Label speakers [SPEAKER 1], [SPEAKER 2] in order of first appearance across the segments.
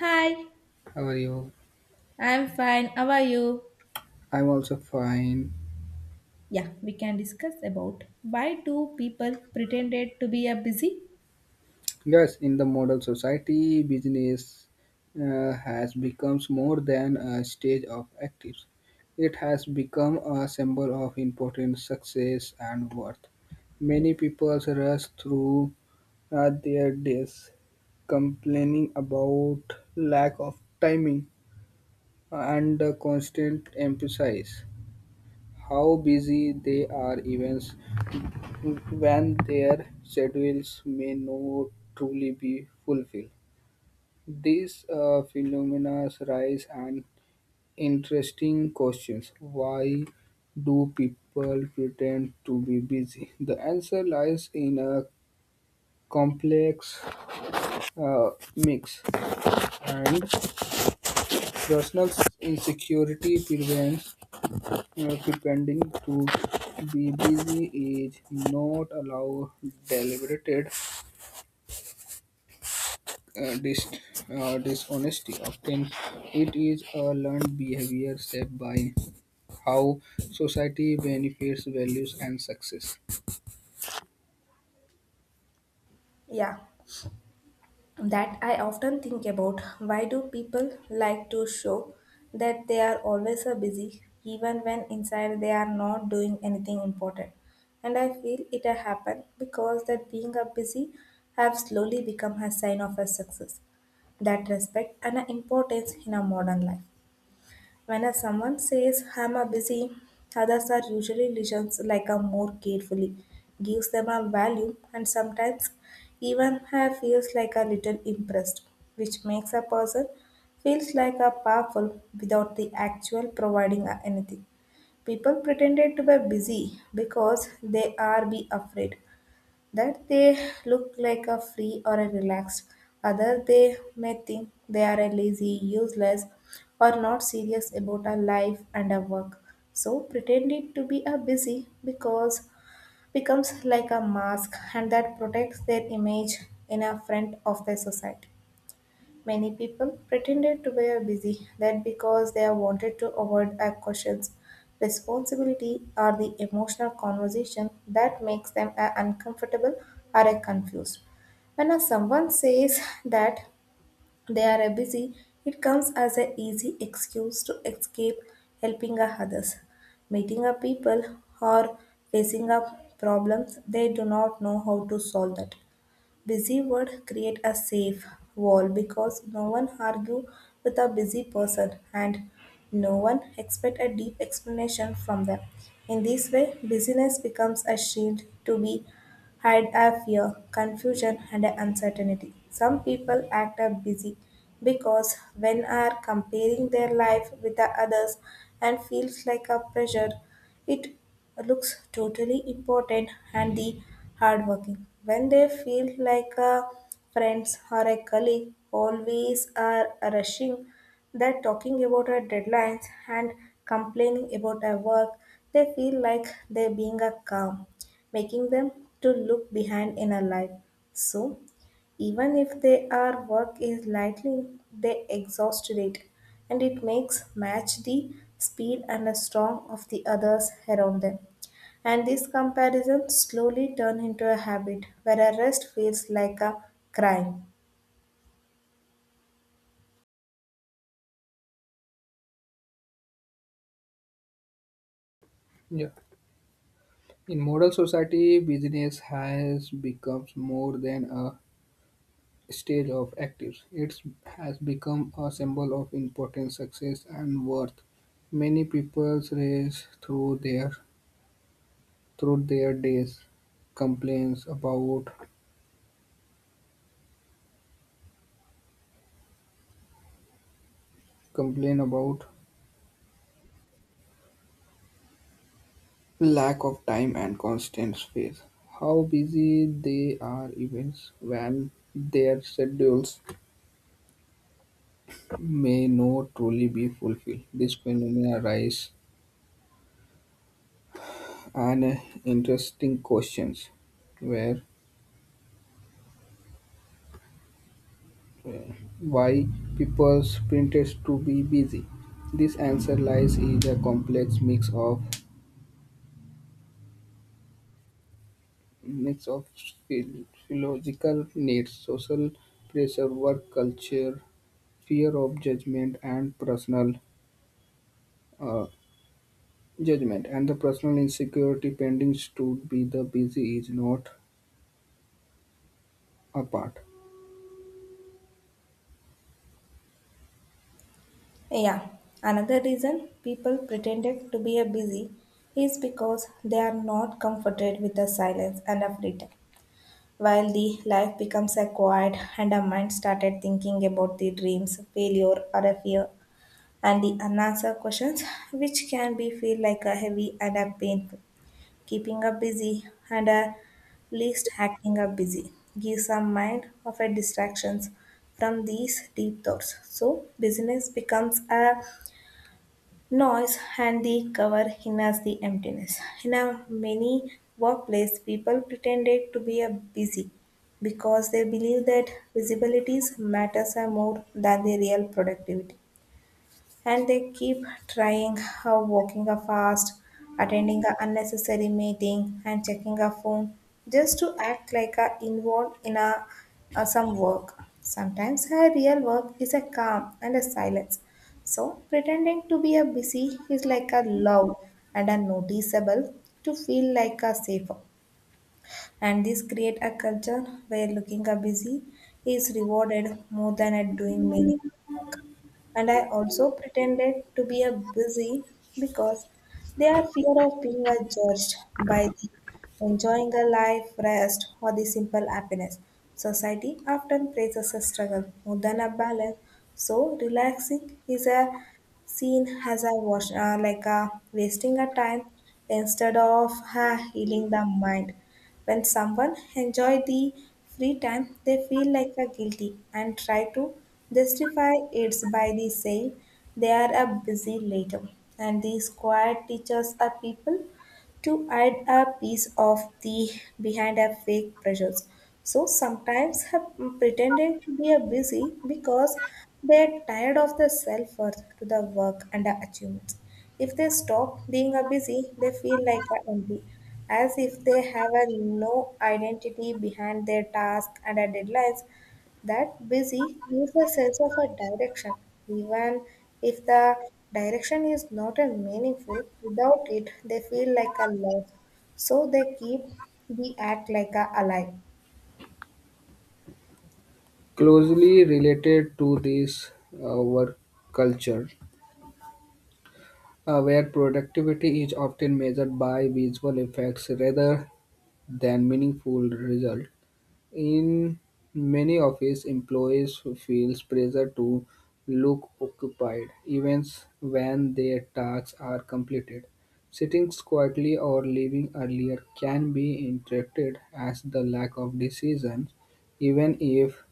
[SPEAKER 1] Hi,
[SPEAKER 2] How are you?
[SPEAKER 1] I'm fine. How are you?
[SPEAKER 2] I'm also fine.
[SPEAKER 1] Yeah, we can discuss about why do people pretended to be a busy?
[SPEAKER 2] Yes, in the modern society, business has become more than a stage of actives. It has become a symbol of important success and worth. Many people rush through their days complaining about lack of timing and the constant emphasis how busy they are events when their schedules may not truly be fulfilled. These phenomena rise an interesting questions. Why do people pretend to be busy? The answer lies in a complex mix and personal insecurity prevents pretending to be busy is not allowed deliberated uh, dis- dishonesty. Often, it is a learned behavior shaped by how society benefits, values, and success.
[SPEAKER 1] Yeah, that I often think about. Why do people like to show that they are always a busy, even when inside they are not doing anything important? And I feel it has happened because that being a busy have slowly become a sign of a success, that respect and a importance in our modern life. When a someone says, I'm a busy, others are usually listens like a more carefully, gives them a value, and sometimes even I feels like a little impressed, which makes a person feels like a powerful without the actual providing a anything. People pretended to be busy because they are be afraid that they look like a free or a relaxed. Other they may think they are a lazy, useless, or not serious about our life and our work. So pretending to be a busy because becomes like a mask and that protects their image in a front of the society. Many people pretended to be busy that because they wanted to avoid a questions. Responsibility or the emotional conversation that makes them a uncomfortable or a confused. When a someone says that they are a busy, it comes as an easy excuse to escape helping a others, meeting a people or facing up problems they do not know how to solve that. Busy would create a safe wall because no one argue with a busy person and no one expect a deep explanation from them. In this way, busyness becomes a shield to be hide a fear, confusion, and a uncertainty. Some people act are busy because when are comparing their life with the others and feels like a pressure, it looks totally important and the hardworking. When they feel like a friends or a colleague always are rushing, that talking about our deadlines and complaining about our work, they feel like they being a calm making them to look behind in a life. So even if their work is lightly, they exhausted it, and it makes match the speed and the strong of the others around them. And this comparison slowly turn into a habit where a rest feels like a crime.
[SPEAKER 2] Yeah. In modern society, business has become more than a stage of actives. It has become a symbol of importance, success, and worth. Many people race through their days complains about complain about lack of time and constant space how busy they are events when their schedules may not truly be fulfilled. This phenomena raises an interesting questions where uh, why people printed to be busy. This answer lies in a complex mix of philological needs, social pressure, work culture, fear of judgment, and personal uh, judgment, and the personal insecurity pending to be the busy is not apart.
[SPEAKER 1] Yeah, another reason people pretended to be a busy is because they are not comforted with the silence and a free time. While the life becomes a quiet, and a mind started thinking about the dreams, failure, or a fear, and the unanswered questions, which can be feel like a heavy and a painful, keeping her busy and a least acting her busy, gives a mind of a distractions from these deep thoughts. So business becomes a noise and the cover hinders the emptiness. In a many workplaces, people pretended to be a busy because they believe that visibilities matters are more than the real productivity. And they keep trying how walking a fast, attending a unnecessary meeting, and checking a phone just to act like a involved in a some work. Sometimes her real work is a calm and a silence. So pretending to be a busy is like a loud and a noticeable to feel like a safer and this create a culture where looking a busy is rewarded more than at doing meaningful work. And I also pretended to be a busy because they are fear of being a judged by the enjoying a life, rest, or the simple happiness. Society often places a struggle more than a balance. So relaxing is a seen as a wash, like a wasting a time instead of healing the mind. When someone enjoy the free time, they feel like a guilty and try to justify it by the saying they are a busy later. And these quiet teachers are people to add a piece of the behind a fake pressures. So sometimes have pretended to be a busy because they are tired of the self worth to the work and the achievements. If they stop being a busy, they feel like a empty, as if they have a no identity behind their task and a deadlines. That busy gives a sense of a direction, even if the direction is not a meaningful. Without it, they feel like a loss. So they keep the act like a alive.
[SPEAKER 2] Closely related to this work culture, where productivity is often measured by visual effects rather than meaningful result. In many office employees feels pressure to look occupied even when their tasks are completed. Sitting quietly or leaving earlier can be interpreted as the lack of decision, even if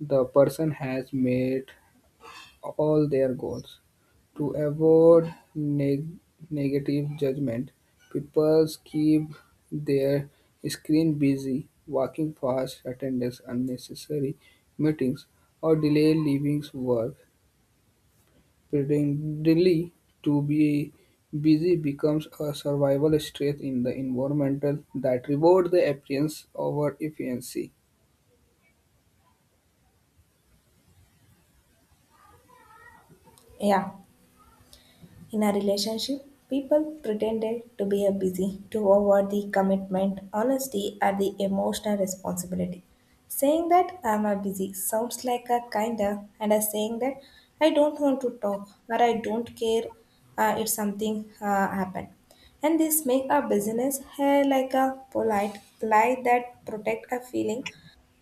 [SPEAKER 2] the person has made all their goals. To avoid negative judgment, people keep their screen busy, walking fast, attendance unnecessary meetings, or delay leaving work. Pretendingly to be busy becomes a survival stress in the environmental that rewards the appearance over efficiency.
[SPEAKER 1] Yeah. In a relationship, people pretended to be a busy to avoid the commitment, honesty, and the emotional responsibility. Saying that I'm a busy sounds like a kinda, and as saying that I don't want to talk or I don't care if something happened. And this make a business like a polite lie that protect a feeling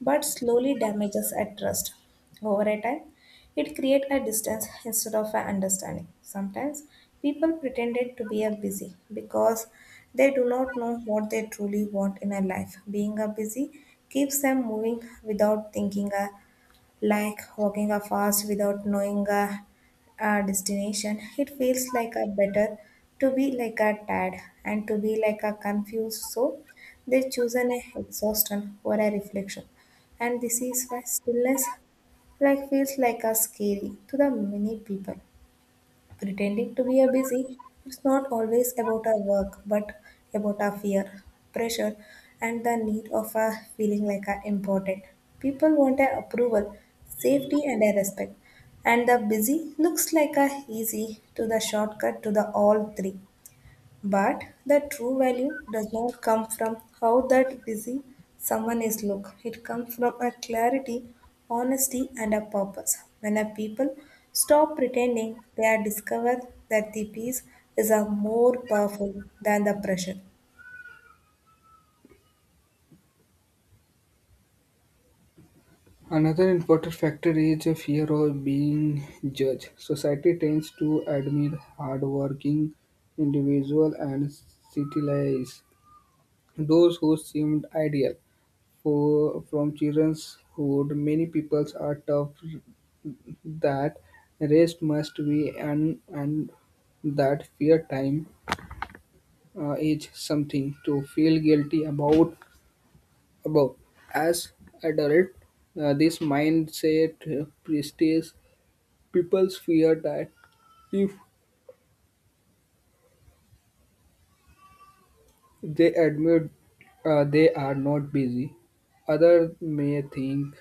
[SPEAKER 1] but slowly damages at trust. Over a time, it creates a distance instead of an understanding. Sometimes people pretended to be a busy because they do not know what they truly want in a life. Being a busy keeps them moving without thinking like walking a fast without knowing a destination. It feels like a better to be like a tad and to be like a confused. So they choose an exhaustion or a reflection. And this is why stillness like feels like a scary to the many people. Pretending to be a busy, it's not always about our work, but about our fear, pressure, and the need of a feeling like a important. People want a approval, safety, and a respect. And the busy looks like a easy to the shortcut to the all three. But the true value does not come from how that busy someone is look. It comes from a clarity, honesty and a purpose. When a people stop pretending, they are discovered that the peace is a more powerful than the pressure.
[SPEAKER 2] Another important factor is a fear of being judged. Society tends to admire hardworking individuals and civilize those who seemed ideal. For from childhood, many peoples are taught that rest must be and that fear time is something to feel guilty about. About as adult, this mindset persists. People fear that if they admit they are not busy, others may think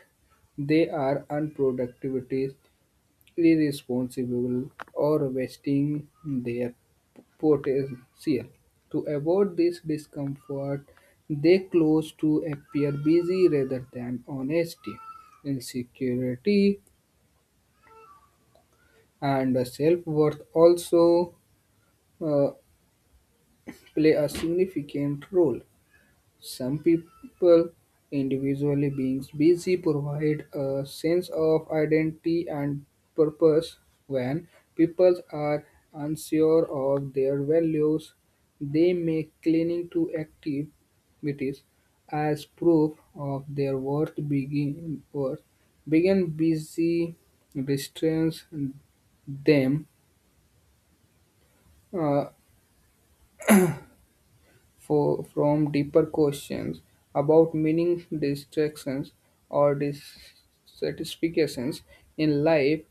[SPEAKER 2] they are unproductive, irresponsible, or wasting their potential. To avoid this discomfort, they close to appear busy rather than honesty. Insecurity and self worth also uh, play a significant role. Some people, individually, beings busy, provide a sense of identity and purpose. When people are unsure of their values, they may cling to activities as proof of their worth. Begin busy restrains them. Uh, For from deeper questions about meaning, distractions, or dissatisfactions in life.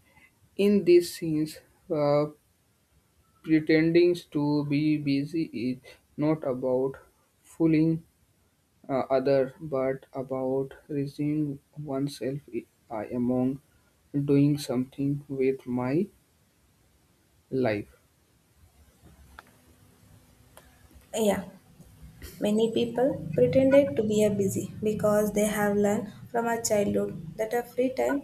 [SPEAKER 2] In these scenes, uh, pretending to be busy is not about fooling other, but about raising oneself among doing something with my life.
[SPEAKER 1] Yeah. Many people pretended to be a busy because they have learned from our childhood that a free time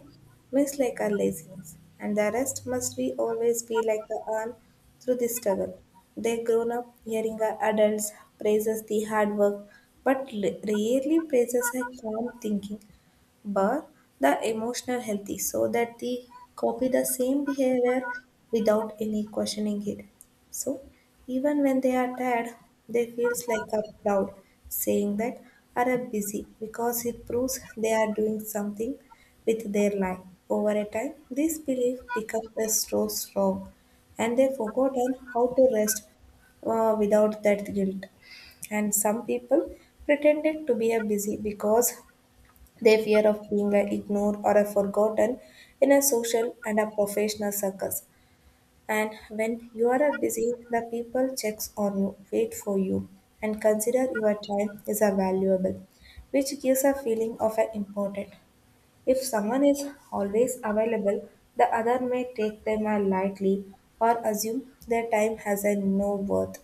[SPEAKER 1] looks like a laziness, and the rest must be always be like the arm through this struggle. They grown up hearing our adults praises the hard work, but rarely praises a calm thinking but the emotional healthy so that they copy the same behavior without any questioning it so even when they are tired, they feels like a proud saying that are a busy because it proves they are doing something with their life. Over a time, this belief becomes so strong and they forgotten how to rest without that guilt. And some people pretended to be a busy because they fear of being a ignored or a forgotten in a social and a professional circles. And when you are busy, the people checks on you, wait for you, and consider your time is a valuable, which gives a feeling of a important. If someone is always available, the other may take them a lightly or assume their time has a no worth.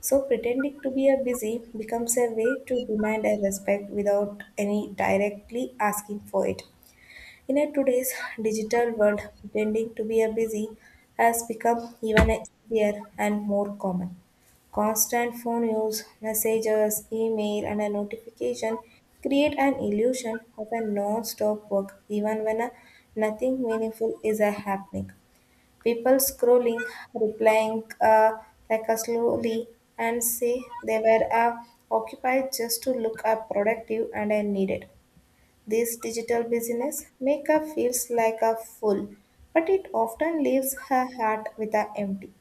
[SPEAKER 1] So pretending to be a busy becomes a way to demand a respect without any directly asking for it. In a today's digital world, pretending to be a busy has become even easier and more common. Constant phone use, messages, email, and a notification create an illusion of a non-stop work even when a nothing meaningful is a happening. People scrolling, replying like a slowly and say they were occupied just to look up productive and needed. This digital business maker feels like a fool, but it often leaves her heart with a empty.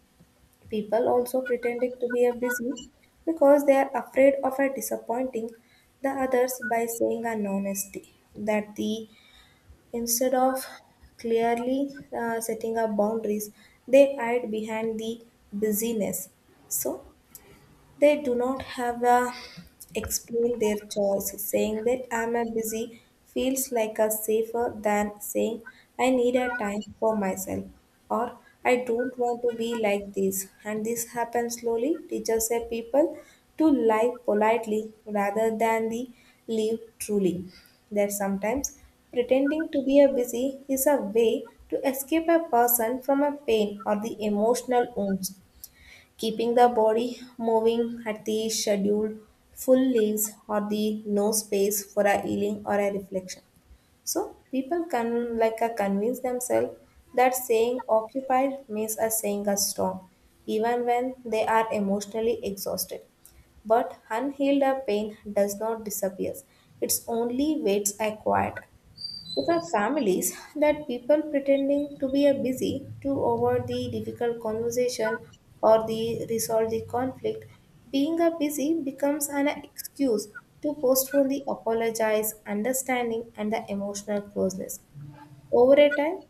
[SPEAKER 1] People also pretending to be a busy because they are afraid of a disappointing the others by saying an honesty that the instead of clearly setting up boundaries, they hide behind the busyness. So they do not have a explain their choice. Saying that I'm a busy feels like a safer than saying I need a time for myself or I don't want to be like this. And this happens slowly. Teachers say people to lie politely rather than the live truly. That sometimes pretending to be a busy is a way to escape a person from a pain or the emotional wounds keeping the body moving at the scheduled full leaves or the no space for a healing or a reflection. So people can like convince themselves that saying occupied means a saying a strong, even when they are emotionally exhausted. But unhealed pain does not disappear. It's only waits a quiet. If our families that people pretending to be a busy to avoid the difficult conversation or the resolve the conflict, being a busy becomes an excuse to postpone the apologize, understanding, and the emotional closeness. Over a time,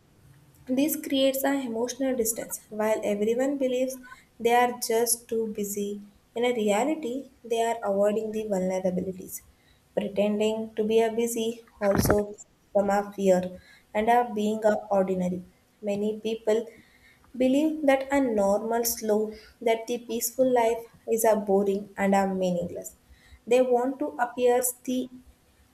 [SPEAKER 1] this creates an emotional distance. While everyone believes they are just too busy, in a reality, they are avoiding the vulnerabilities. Pretending to be a busy also from a fear and are being a ordinary. Many people believe that a normal slow, that the peaceful life is a boring and a meaningless. They want to appear the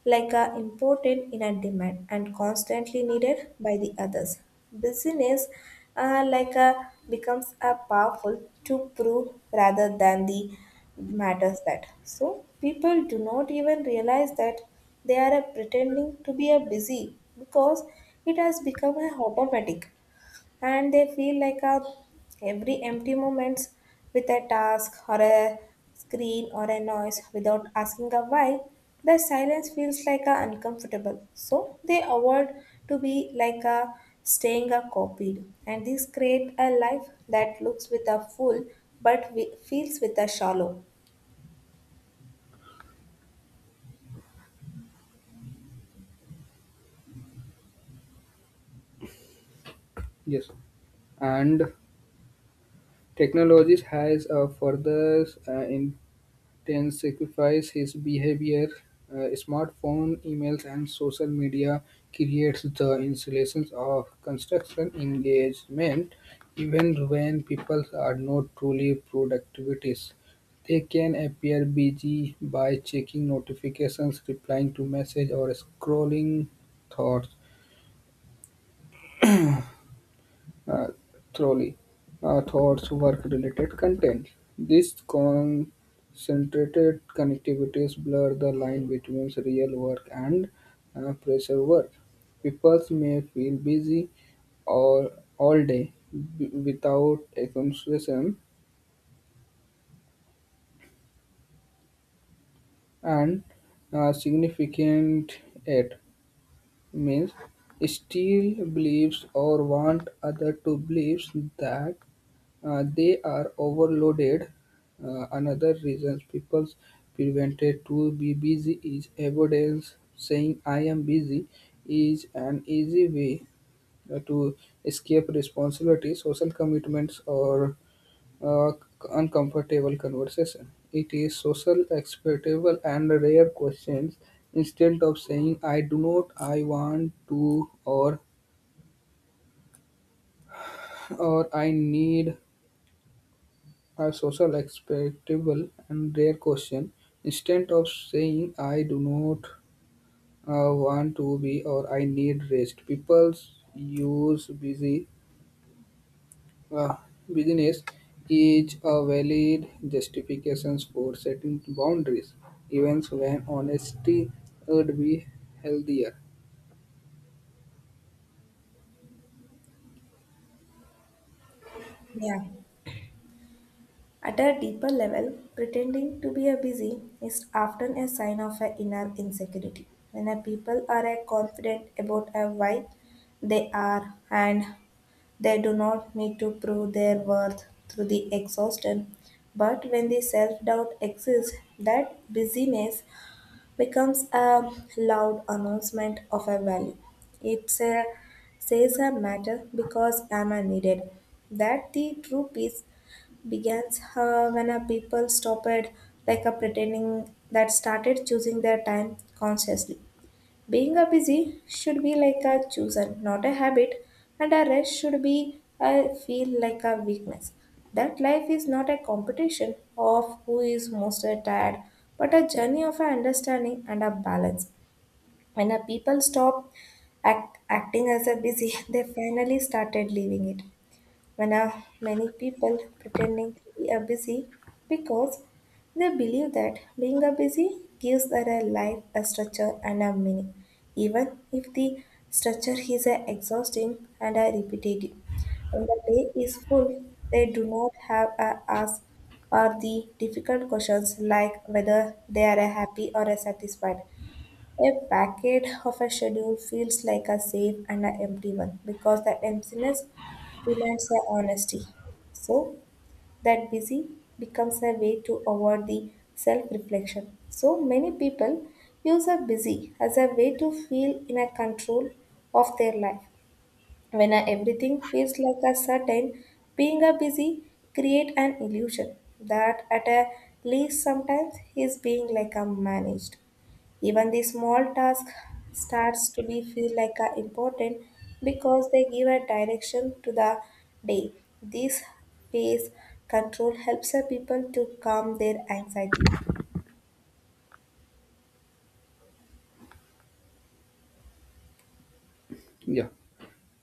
[SPEAKER 1] like are important in a demand and constantly needed by the others. Business like a becomes a powerful to prove rather than the matters that. So people do not even realize that they are pretending to be a busy because it has become a automatic, and they feel like a every empty moments with a task or a screen or a noise without asking a why. The silence feels like a uncomfortable, so they avoid to be like a staying a copied, and this create a life that looks with a full, but we, feels with a shallow.
[SPEAKER 2] Yes, and technologies has further in Ten sacrifice his behavior. Smartphone, emails, and social media creates the installations of construction engagement even when people are not truly productivities. They can appear busy by checking notifications, replying to messages, or scrolling thoughts. uh, Thoroughly towards work-related content. These concentrated connectivities blur the line between real work and pressure work. People may feel busy all, all day without accomplishment and significant it means still believes or want other to believe that they are overloaded. Another reason people prevented to be busy is avoidance. Saying I am busy is an easy way to escape responsibility, social commitments, or uh, uncomfortable conversation. It is social acceptable and rare questions. Instead of saying I do not, I want to, or I need, a social expectable and rare question. Instead of saying I do not want to be or I need rest, people use busy uh, business is a valid justifications for setting boundaries, even when honesty would be healthier.
[SPEAKER 1] Yeah. At a deeper level, pretending to be a busy is often a sign of an inner insecurity. When a people are a confident about a why they are, and they do not need to prove their worth through the exhaustion. But when the self-doubt exists, that busyness becomes a loud announcement of a value. It a says a matter because am I needed. That the true peace begins when a people stopped like a pretending that started choosing their time consciously. Being a busy should be like a chosen, not a habit, and a rest should be a feel like a weakness. That life is not a competition of who is most tired, but a journey of a understanding and a balance. When a people stop acting as a busy they finally started leaving it. When many people pretending to be a busy because they believe that being a busy gives their life a structure and a meaning, even if the structure is exhausting and repetitive. When the day is full, they do not have a ask or the difficult questions like whether they are happy or satisfied. A packet of a schedule feels like a safe and an empty one, because that emptiness demands the honesty. So that busy becomes a way to avoid the self-reflection. So many people use a busy as a way to feel in a control of their life. When everything feels like a certain, being a busy create an illusion that at a least sometimes he is being like a managed. Even the small task starts to be feel like a important, because they give a direction to the day. This phase control helps a people to calm their anxiety.
[SPEAKER 2] Yeah.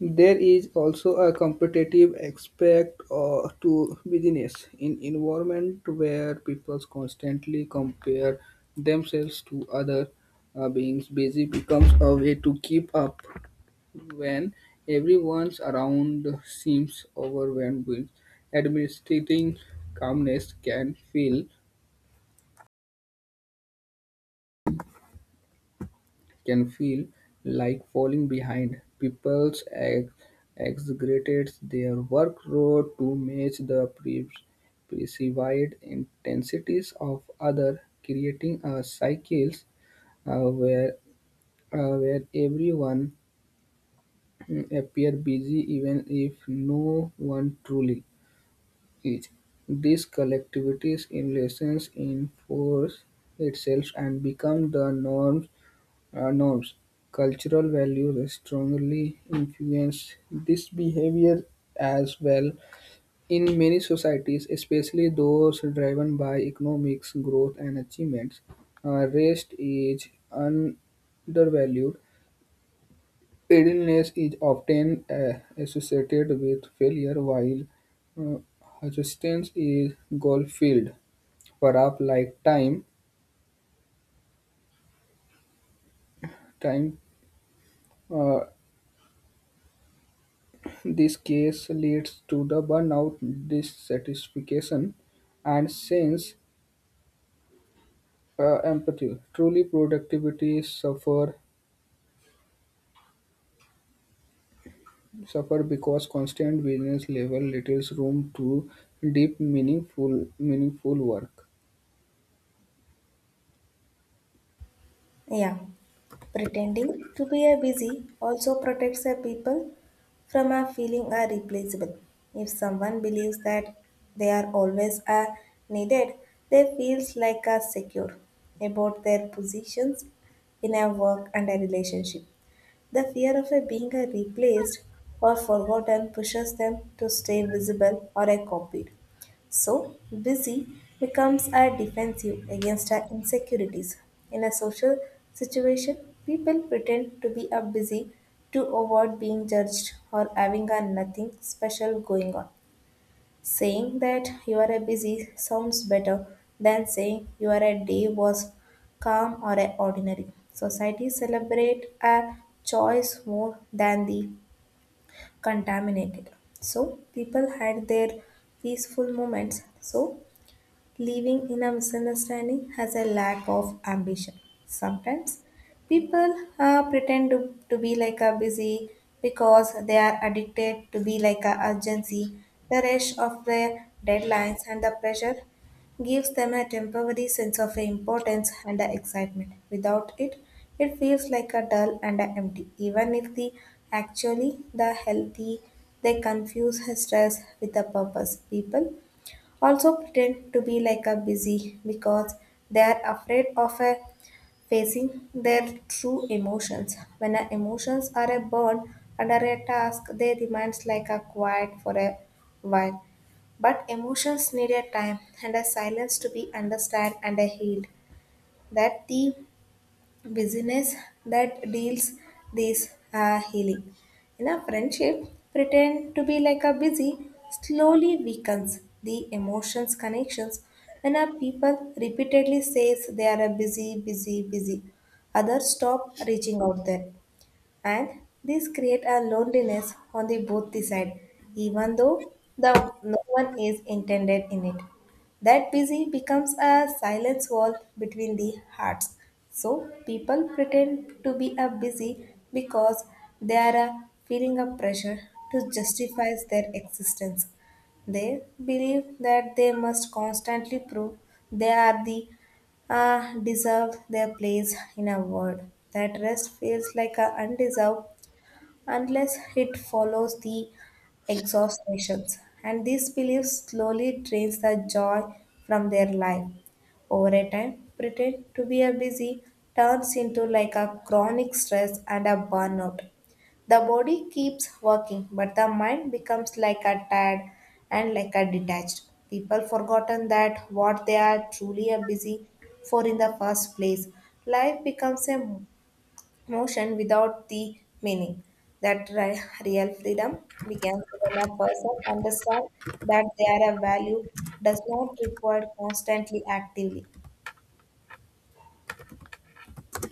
[SPEAKER 2] There is also a competitive aspect to business in environment where people constantly compare themselves to other beings. Busy becomes a way to keep up when everyone's around seems overwhelmed with administrating calmness can feel like falling behind. People exaggerate their workload to match the perceived intensities of others, creating a cycle uh, where where everyone appear busy even if no one truly is. This collectivity's in lessons enforce itself and become the norm norms. Cultural values strongly influence this behavior as well. In many societies, especially those driven by economics, growth, and achievements, rest is undervalued. Idleness is often associated with failure, while uh, assistance is goal filled. Perhaps like time uh, this case leads to the burnout, dissatisfaction, and sense empathy. Truly, productivity suffer because constant business level leaves room to deep, meaningful work.
[SPEAKER 1] Yeah, pretending to be a busy also protects a people from a feeling are replaceable. If someone believes that they are always a needed, they feels like a secure about their positions in a work and a relationship. The fear of a being a replaced or forgotten pushes them to stay visible or a copied. So, busy becomes a defensive against our insecurities. In a social situation, people pretend to be a busy to avoid being judged or having a nothing special going on. Saying that you are a busy sounds better than saying you are a day was calm or a ordinary. Society celebrate a choice more than the contaminated. So people had their peaceful moments. So living in a misunderstanding has a lack of ambition. Sometimes people pretend to be like a busy because they are addicted to be like a urgency. The rush of the deadlines and the pressure gives them a temporary sense of importance and a excitement. Without it, it feels like a dull and a empty. Even if the actually the healthy, they confuse stress with a purpose. People also pretend to be like a busy because they're afraid of a facing their true emotions. When our emotions are a burn under a task, they remains like a quiet for a while. But emotions need a time and a silence to be understood and a healed. That the business that deals this healing. In a friendship, pretend to be like a busy slowly weakens the emotions connections when a people repeatedly says they are a busy, busy, busy. Others stop reaching out there, and these create a loneliness on the both the side, even though the no one is intended in it. That busy becomes a silence wall between the hearts. So people pretend to be a busy because they are feeling a pressure to justify their existence. They believe that they must constantly prove they are the deserve their place in a world, that rest feels like a undeserved unless it follows the exhaustations. And this belief slowly drains the joy from their life. Over a time, pretend to be a busy turns into like a chronic stress and a burnout. The body keeps working, but the mind becomes like a tired and like a detached. People forgotten that what they are truly a busy for in the first place. Life becomes a motion without the meaning. That real freedom begins when a person understands that their value does not require constantly actively.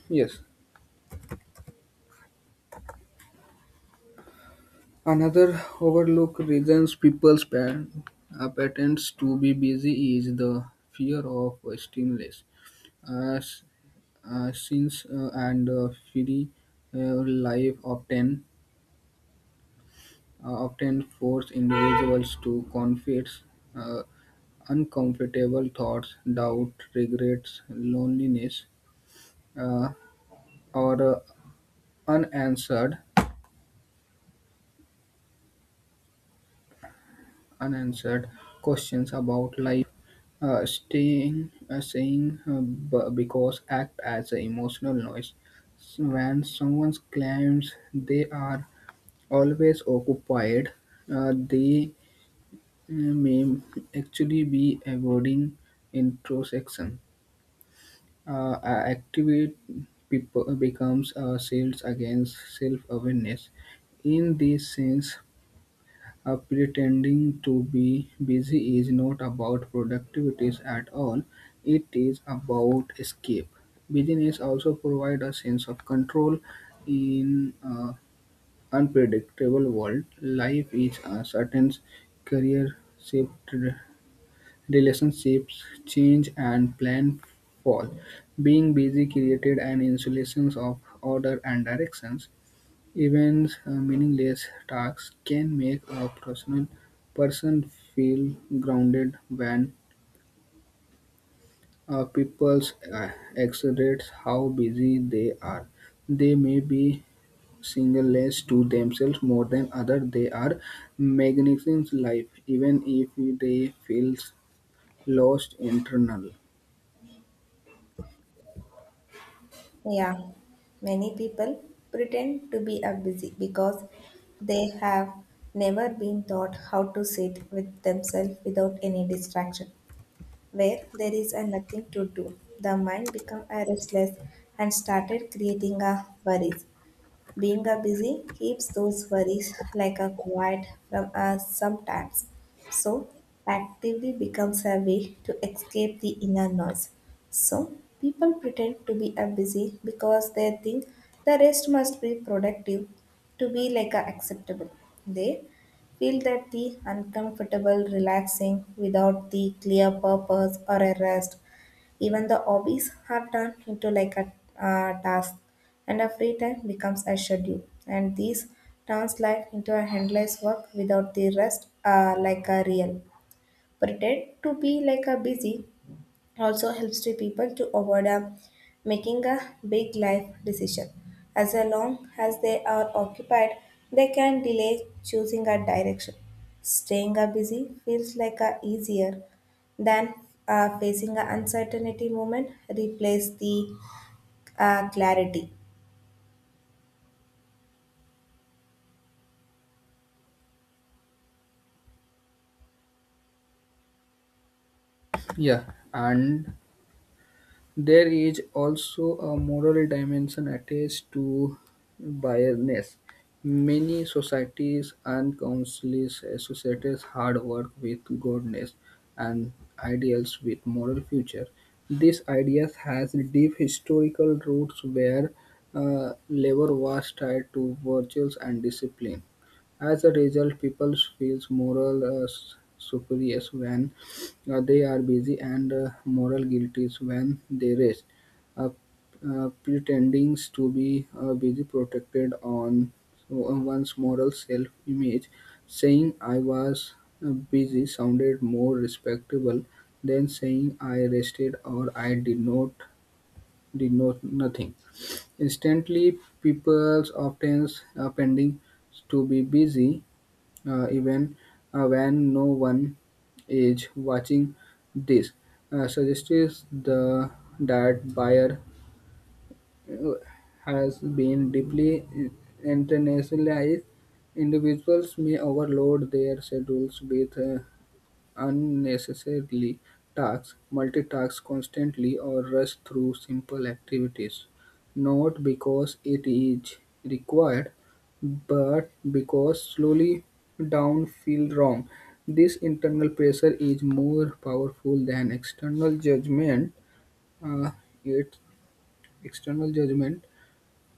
[SPEAKER 2] Yes. Another overlooked reasons patterns to be busy is the fear of stimulus. As since and free uh, life often often force individuals to confess uh, uncomfortable thoughts, doubt, regrets, loneliness, uh, or unanswered unanswered questions about life. Because act as an emotional noise. So when someone claims they are always occupied, they may actually be avoiding introspection. Activate people becomes a shield against self-awareness. In this sense, pretending to be busy is not about productivities at all. It is about escape. Business also provide a sense of control in an unpredictable world. Life is uncertain, career shift. Relationships change and plan fall. Being busy created an insulation of order and directions. Even meaningless tasks can make a person feel grounded when people uh, exaggerate how busy they are. They may be singleness to themselves more than other. They are magnificent life, even if they feel lost internal.
[SPEAKER 1] Yeah, many people pretend to be a busy because they have never been taught how to sit with themselves without any distraction. Where there is a nothing to do, the mind become a restless and started creating a worries. Being a busy keeps those worries like a quiet from us sometimes. So actively becomes a way to escape the inner noise. So people pretend to be a busy because they think the rest must be productive to be like a acceptable. They feel that the uncomfortable relaxing without the clear purpose or a rest, even the hobbies are turned into like a task, and a free time becomes a schedule. And this turns life into a endless work without the rest, like a real. Pretend to be like a busy, also helps to people to avoid a, making a big life decision. As long as they are occupied, they can delay choosing a direction. Staying a busy feels like a easier than facing an uncertainty moment replace the clarity.
[SPEAKER 2] Yeah, and there is also a moral dimension attached to biasness. Many societies unconsciously associate hard work with goodness and ideals with moral future. This idea has deep historical roots where labor was tied to virtues and discipline. As a result, people feels moral superior when they are busy and moral guilty when they rest, uh, pretending to be busy protected on so, one's moral self-image. Saying I was busy sounded more respectable than saying I rested or I did not nothing. Instantly, people often pending to be busy even when no one is watching. This suggests the that buyer uh, has been deeply internationalized. Individuals may overload their schedules with unnecessarily task, multitask constantly, or rush through simple activities, not because it is required, but because slowly down feel wrong. This internal pressure is more powerful than external judgment. Uh, it external judgment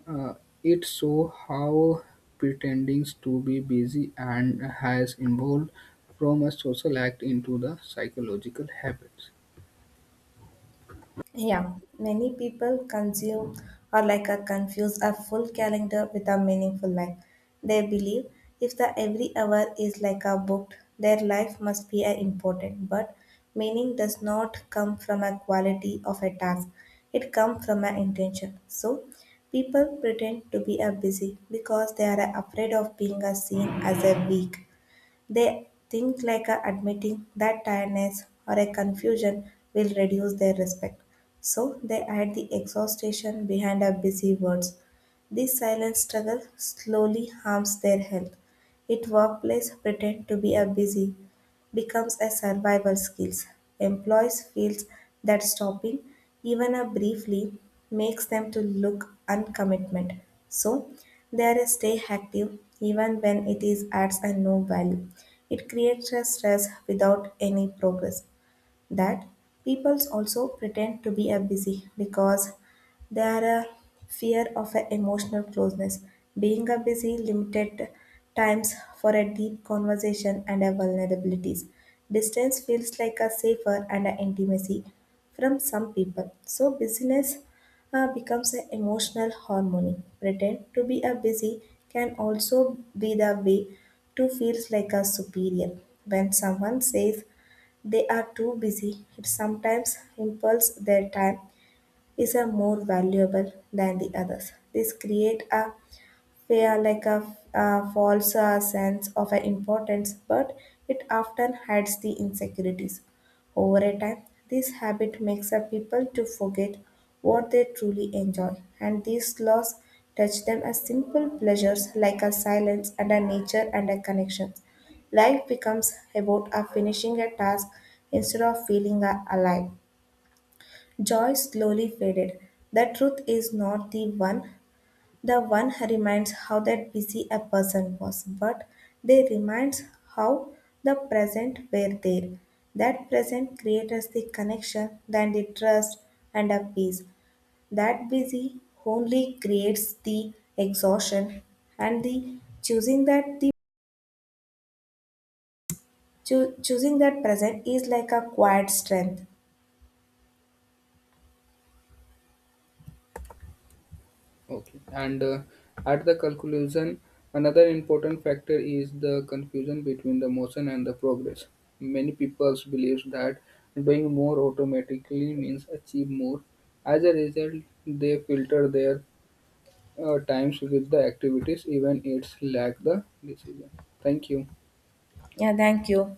[SPEAKER 2] uh, it shows how pretending to be busy and has evolved from a social act into the psychological habits.
[SPEAKER 1] Yeah, many people consume or like a confuse a full calendar with a meaningful life. They believe if the every hour is like a booked, their life must be a important. But meaning does not come from a quality of a task. It comes from an intention. So people pretend to be a busy because they are afraid of being a seen as a weak. They think like admitting that tiredness or a confusion will reduce their respect. So they hide the exhaustion behind our busy words. This silent struggle slowly harms their health. It workplace pretend to be a busy becomes a survival skill. Employees feel that stopping, even a briefly, makes them to look uncommitment. So they are stay active even when it is adds a no value. It creates a stress without any progress. That peoples also pretend to be a busy because they are a fear of a emotional closeness. Being a busy limited times for a deep conversation and a vulnerabilities. Distance feels like a safer and a intimacy from some people. So busyness becomes an emotional harmony. Pretend to be a busy can also be the way to feels like a superior. When someone says they are too busy, it sometimes impels their time is a more valuable than the others. This create a fear like a false sense of a importance, but it often hides the insecurities. Over a time, this habit makes a people to forget what they truly enjoy, and these laws touch them as simple pleasures like a silence and a nature and a connection. Life becomes about a finishing a task instead of feeling a alive. Joy slowly faded. The truth is not the one, the one reminds how that busy a person was, but they reminds how the present were there. That present creates the connection, then the trust and a peace. That busy only creates the exhaustion and the choosing that the choosing that present is like a quiet strength.
[SPEAKER 2] Okay, and at the conclusion, another important factor is the confusion between the motion and the progress. Many people believe that doing more automatically means achieve more. As a result, they filter their times with the activities, even it's lack the decision. Thank you.
[SPEAKER 1] Yeah, thank you.